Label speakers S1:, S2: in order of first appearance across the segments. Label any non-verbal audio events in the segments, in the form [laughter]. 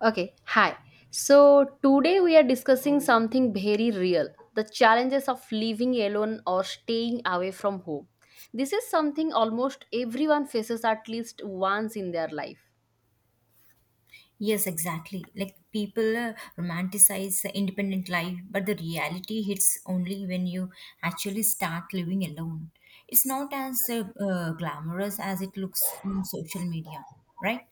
S1: Okay, hi. So today we are discussing something very real, the challenges of living alone or staying away from home. This is something almost everyone faces at least once in their life.
S2: Yes, exactly. Like people romanticize the independent life, but the reality hits only when you actually start living alone. It's not as glamorous as it looks on social media, right?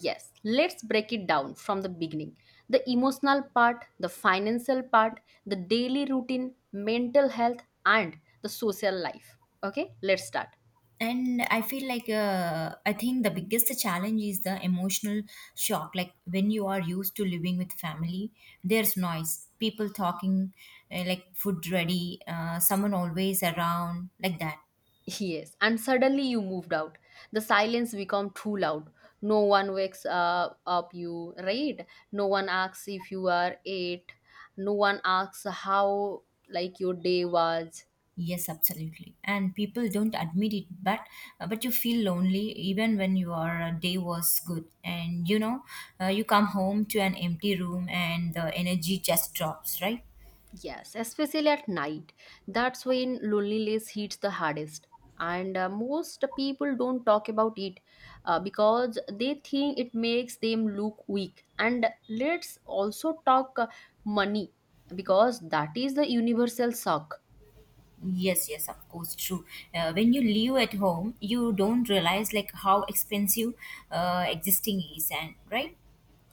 S1: Yes, let's break it down from the beginning, the emotional part, the financial part, the daily routine, mental health, and the social life. Okay, let's start.
S2: And I feel like I think the biggest challenge is the emotional shock. Like when you are used to living with family, there's noise, people talking, like food ready, someone always around, like that.
S1: Yes, and suddenly you moved out. The silence become too loud. No one wakes up you, right? No one asks if you are eight. No one asks how your day was.
S2: Yes, absolutely. And people don't admit it, but you feel lonely even when your day was good. And you come home to an empty room and the energy just drops, right?
S1: Yes, especially at night. That's when loneliness hits the hardest. And most people don't talk about it because they think it makes them look weak. And let's also talk money, because that is the universal shock.
S2: Yes, yes, of course, true. When you live at home, you don't realize like how expensive existing is, and right?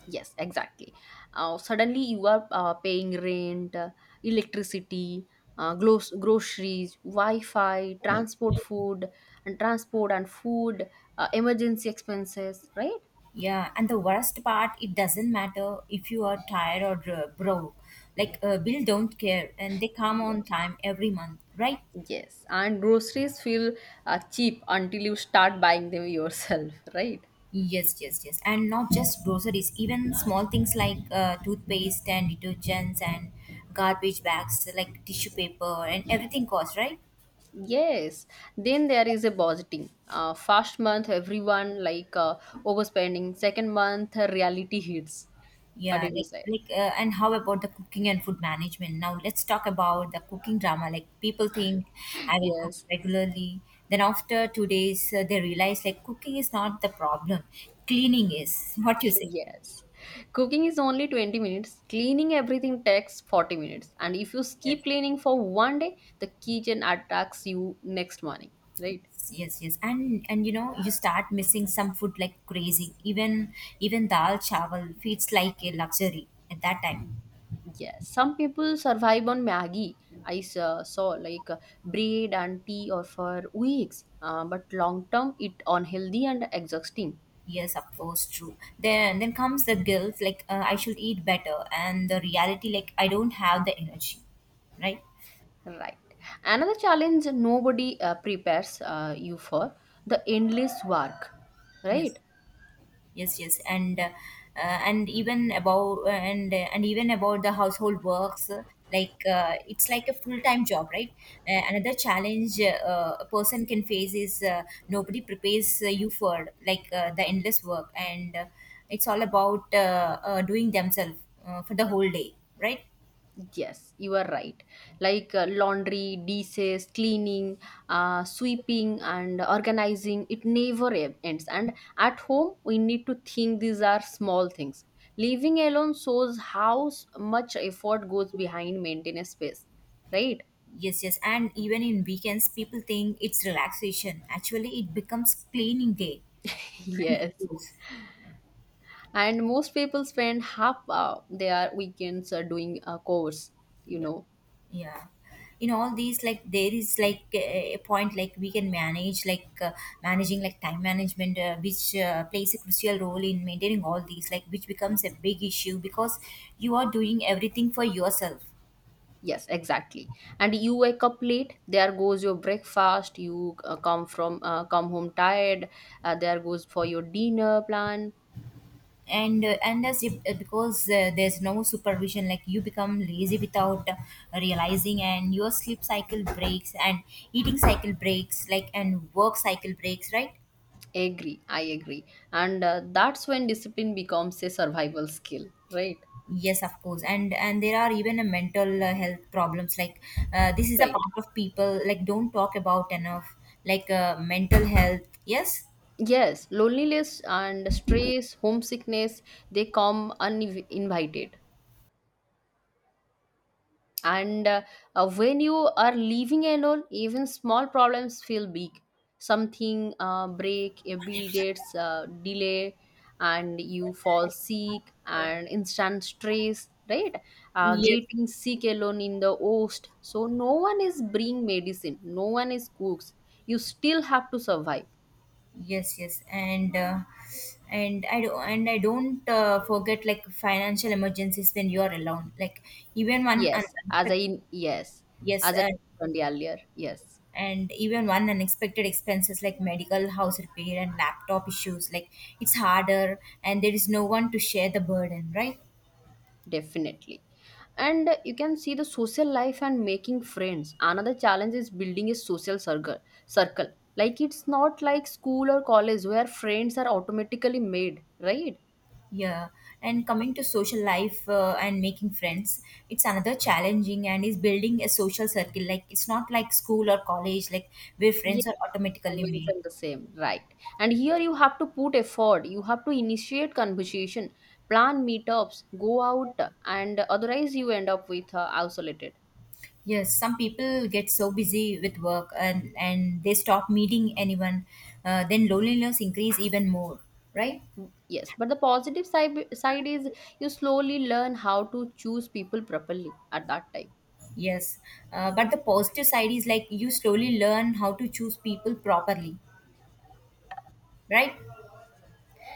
S1: Yes, exactly. Suddenly you are paying rent, electricity, groceries, Wi-Fi, transport, food, and transport and food, emergency expenses, right?
S2: Yeah, and the worst part, it doesn't matter if you are tired or broke. Like bill don't care, and they come
S1: Yes.
S2: on time every month, right?
S1: Yes, and groceries feel cheap until you start buying them yourself, [laughs] right?
S2: Yes, yes, yes. And not just groceries, even small things like toothpaste and detergents and garbage bags, like tissue paper and everything costs, right?
S1: Yes. Then there is a budgeting. First month, everyone overspending. Second month, reality hits. What
S2: Yeah,
S1: did you
S2: like,
S1: say?
S2: like uh, and how about the cooking and food management? Now let's talk about the cooking drama. Like people think I
S1: [laughs]
S2: will cook
S1: Yes.
S2: regularly. Then after 2 days, they realize like cooking is not the problem. Cleaning is. What you say?
S1: Yes. Cooking is only 20 minutes. Cleaning everything takes 40 minutes. And if you
S2: Yes.
S1: keep cleaning for one day, the kitchen attacks you next morning, right?
S2: Yes, yes, and you know, you start missing some food like crazy, even dal chawal feels like a luxury at that time.
S1: Yes. Some people survive on Maggie. I saw like bread and tea or for weeks. But long term, it unhealthy and exhausting.
S2: Yes, of course, true. Then comes the guilt, like I should eat better, and the reality, like I don't have the energy, right?
S1: Right. Another challenge nobody prepares you for the endless work, right?
S2: Yes, yes, yes. And even about the household works, like it's like a full-time job, right? Uh, another challenge a person can face is nobody prepares you for, like, the endless work, and it's all about doing themselves for the whole day, right?
S1: Yes, you are right. Like laundry, dishes, cleaning, sweeping, and organizing, it never ends. And at home, we need to think these are small things. Living alone shows how much effort goes behind maintaining a space, right? [laughs]
S2: Yes, yes, and even in weekends people think it's relaxation. Actually it becomes cleaning day, I
S1: Yes.
S2: suppose.
S1: And most people spend half their weekends doing a course, you
S2: Yeah,
S1: know,
S2: yeah, in all these, like there is like a point, like we can manage, like managing, like time management, which plays a crucial role in maintaining all these, like which becomes a big issue, because you are doing everything for yourself.
S1: Yes, exactly. And you wake up late. There goes your breakfast. You come home tired. There goes for your dinner plan.
S2: And as if because there's no supervision, like you become lazy without realizing, and your sleep cycle breaks, and eating cycle breaks, like, and work cycle breaks, right?
S1: Agree, I agree. And that's when discipline becomes a survival skill, right?
S2: Yes, of course, and there are even a mental health problems. Like this is a
S1: Right.
S2: part of people like don't talk about enough. Like mental health, yes,
S1: Yes, loneliness and stress, homesickness, they come uninvited. And when you are leaving alone, even small problems feel big. Something break, a bill gets delay, and you fall sick and instant stress, right?
S2: yes,
S1: Getting sick alone in the host, so no one is bring medicine, no one is cooks, you still have to survive.
S2: yes, yes, and I do and I don't forget like financial emergencies when you are alone. Like even one
S1: yes as i
S2: unexpected,
S1: yes
S2: yes,
S1: as i mentioned earlier, yes.
S2: and even one unexpected expenses, like medical, house repair, and laptop issues, like it's harder, and there is no one to share the burden, right?
S1: Definitely. And you can see the social life and making friends. Another challenge is building a social circle. Circle. Like it's not like school or college where friends are automatically made, right?
S2: Yeah, and coming to social life and making friends, it's another challenging, and is building a social circle, like it's not like school or college, like where
S1: Yeah,
S2: friends are
S1: I
S2: automatically made.
S1: mentioned the same, right? And here you have to put effort. You have to initiate conversation, plan meetups, go out, and otherwise you end up with isolated.
S2: Yes, some people get so busy with work, and they stop meeting anyone. Uh, then loneliness increase even more, right?
S1: Yes, but the positive side is you slowly learn how to choose people properly at that time.
S2: Yes, but the positive side is like you slowly learn how to choose people properly, right?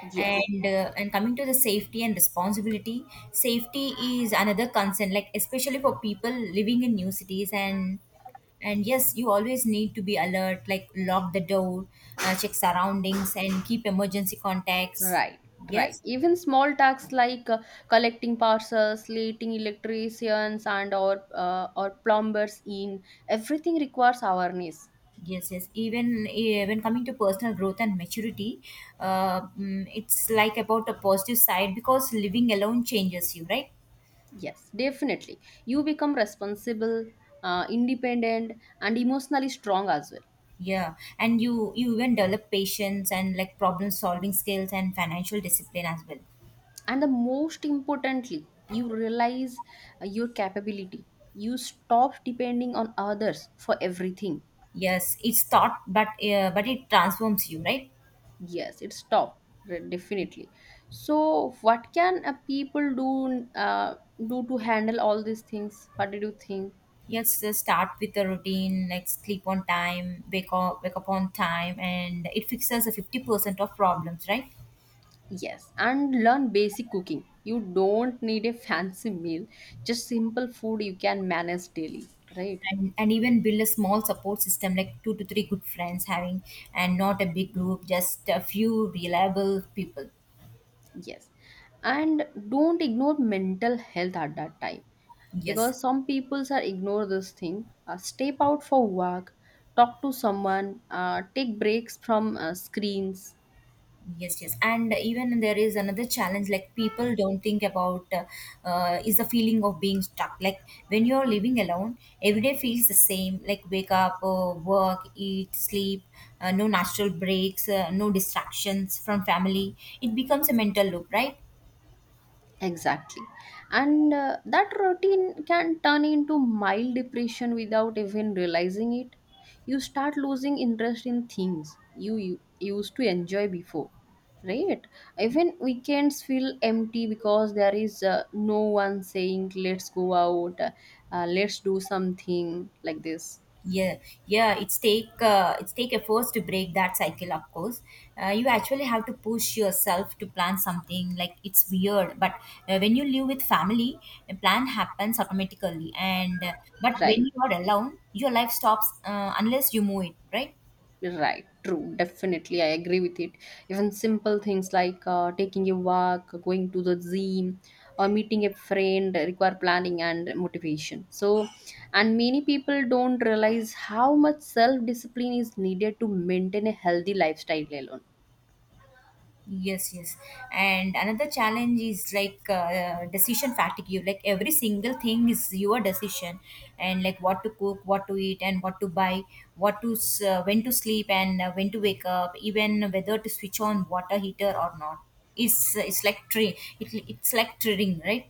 S1: Yes,
S2: And coming to the safety and responsibility, safety is another concern, like especially for people living in new cities, and yes, you always need to be alert, like lock the door, check surroundings, and keep emergency contacts.
S1: right, right.
S2: Yes,
S1: Even small tasks like collecting parcels, letting electricians and or plumbers in, everything requires awareness.
S2: yes, yes. Even when coming to personal growth and maturity, it's like about a positive side, because living alone changes you, right?
S1: Yes, definitely. You become responsible, independent, and emotionally strong as well.
S2: Yeah, and you even develop patience and like problem solving skills and financial discipline as well.
S1: And the most importantly, you realize your capability. You stop depending on others for everything.
S2: Yes, it's thought, but it transforms you, right?
S1: Yes, it's tough, definitely. So, what can a people do do to handle all these things? What did you think?
S2: Yes, start with a routine, like sleep on time, wake up on time, and it fixes a 50% of problems, right?
S1: Yes, and learn basic cooking. You don't need a [laughs] fancy meal, just simple food you can manage daily, right?
S2: And, even build a small support system, like two to three good friends having, and not a big group, just a few reliable people.
S1: Yes. And don't ignore mental health at that time,
S2: Yes,
S1: because some people are ignore this thing. Step out for work, talk to someone, take breaks from screens.
S2: yes, yes, and even there is another challenge, like people don't think about, is the feeling of being stuck, like when you're living alone every day feels the same, like wake up, work, eat, sleep, no natural breaks, no distractions from family. It becomes a mental loop, right?
S1: Exactly. And that routine can turn into mild depression without even realizing it. You start losing interest in things you used to enjoy before, right? Even weekends feel empty because there is no one saying, let's go out, let's do something like this,
S2: Yeah, yeah, it's take efforts to break that cycle, of course. Uh, you actually have to push yourself to plan something, like it's weird, but when you live with family, a plan happens automatically, and but
S1: right?
S2: when you are alone your life stops unless you move it, right?
S1: Right, true. Definitely, I agree with it. Even simple things like taking a walk, going to the gym, or meeting a friend require planning and motivation. So, and many people don't realize how much self discipline is needed to maintain a healthy lifestyle alone.
S2: Yes, yes. And another challenge is like decision fatigue. You, like every single thing is your decision, and like what to cook, what to eat, and what to buy, when to sleep and when to wake up, even whether to switch on water heater or not. It's like triggering, right?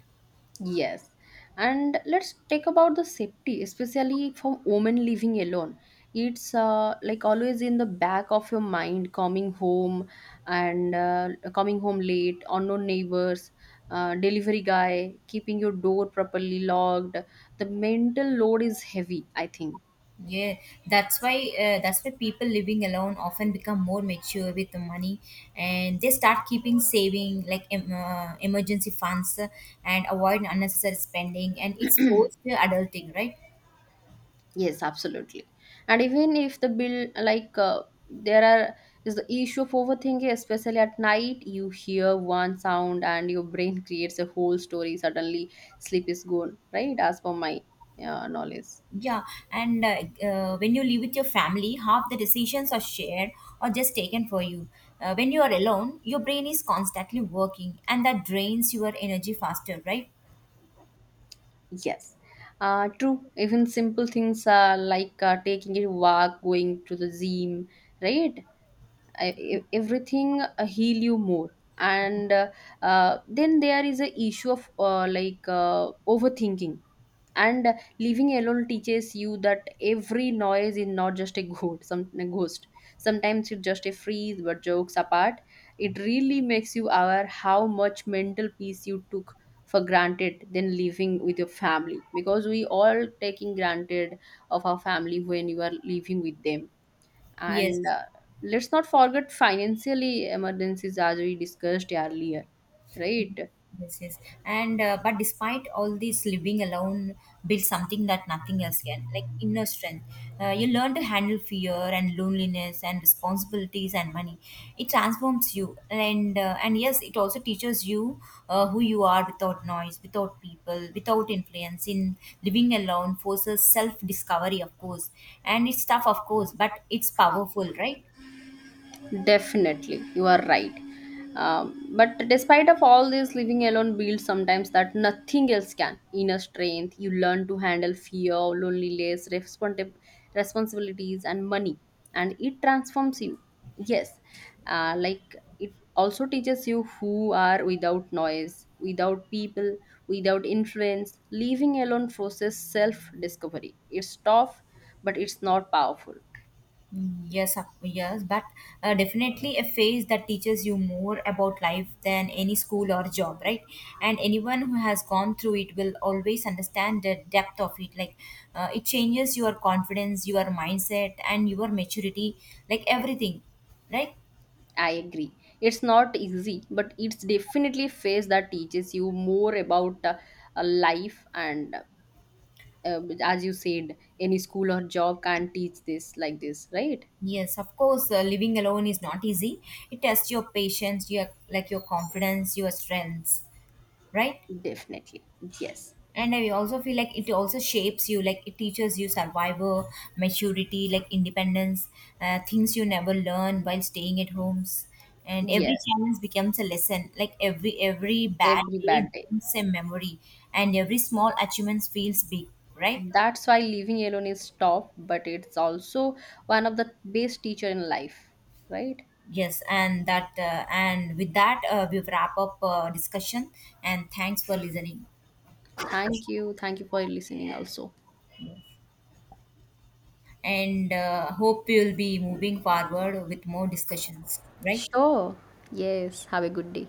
S1: Yes. And let's take about the safety, especially for women living alone. It's like always in the back of your mind, and uh, coming home late, unknown neighbors, delivery guy, keeping your door properly locked. The mental load is heavy, I think.
S2: Yeah, that's why people living alone often become more mature with the money, and they start keeping saving, like emergency funds, and avoid unnecessary spending, and it's forced
S1: [clears throat]
S2: adulting, right?
S1: Yes, absolutely. And even if the bill, like, there are is the issue of overthinking, especially at night, you hear one sound and your brain creates a whole story. Suddenly, sleep is gone, right? As per my knowledge.
S2: Yeah, and when you live with your family, half the decisions are shared or just taken for you. When you are alone, your brain is constantly working, and that drains your energy faster, right?
S1: Yes. True. Even simple things like taking a walk, going to the gym, right? Everything heal you more, and then there is a issue of overthinking. And living alone teaches you that every noise is not just a [laughs] ghost, sometimes it's just a freeze. But jokes apart, it really makes you aware how much mental peace you took for granted than living with your family, because we all taking granted of our family when you are living with them. And
S2: Yes,
S1: let's not forget financially emergencies as we discussed earlier, right?
S2: yes, yes. And but despite all this, living alone builds something that nothing else can, like inner strength. You learn to handle fear and loneliness and responsibilities and money. It transforms you, and and yes, it also teaches you who you are without noise, without people, without influence. In living alone forces self discovery, of course, and it's tough, of course, but it's powerful, right?
S1: Definitely, you are right. But despite of all this, living alone builds sometimes that nothing else can. Inner strength, you learn to handle fear, loneliness, responsibilities, and money, and it transforms you. Yes, like it also teaches you who are without noise, without people, without influence. Living alone forces self-discovery. It's tough, but it's not powerful.
S2: Mm, yes, of- yes, but definitely a phase that teaches you more about life than any school or job, right? And anyone who has gone through it will always understand the depth of it. Like, it changes your confidence, your mindset, and your maturity, like everything, right?
S1: I agree. It's not easy, but it's definitely a phase that teaches you more about life, and as you said, any school or job can't teach this like this, right?
S2: Yes, of course, living alone is not easy. It tests your patience, your, like, your confidence, your strengths, right?
S1: Definitely. Yes.
S2: And I also feel like it also shapes you, like it teaches you survival, maturity, like independence, things you never learn while staying at homes. And every
S1: Yes.
S2: challenge becomes a lesson, like every bad
S1: Every
S2: day
S1: bad day.
S2: becomes a memory, and every small achievement feels big, right?
S1: That's why living alone is tough, but it's also one of the best teacher in life, right?
S2: Yes, and that and with that we wrap up discussion, and thanks for listening.
S1: Thank you. Thank you for listening also.
S2: And hope you'll be moving forward with more discussions, right?
S1: Sure. Yes. Have a good day.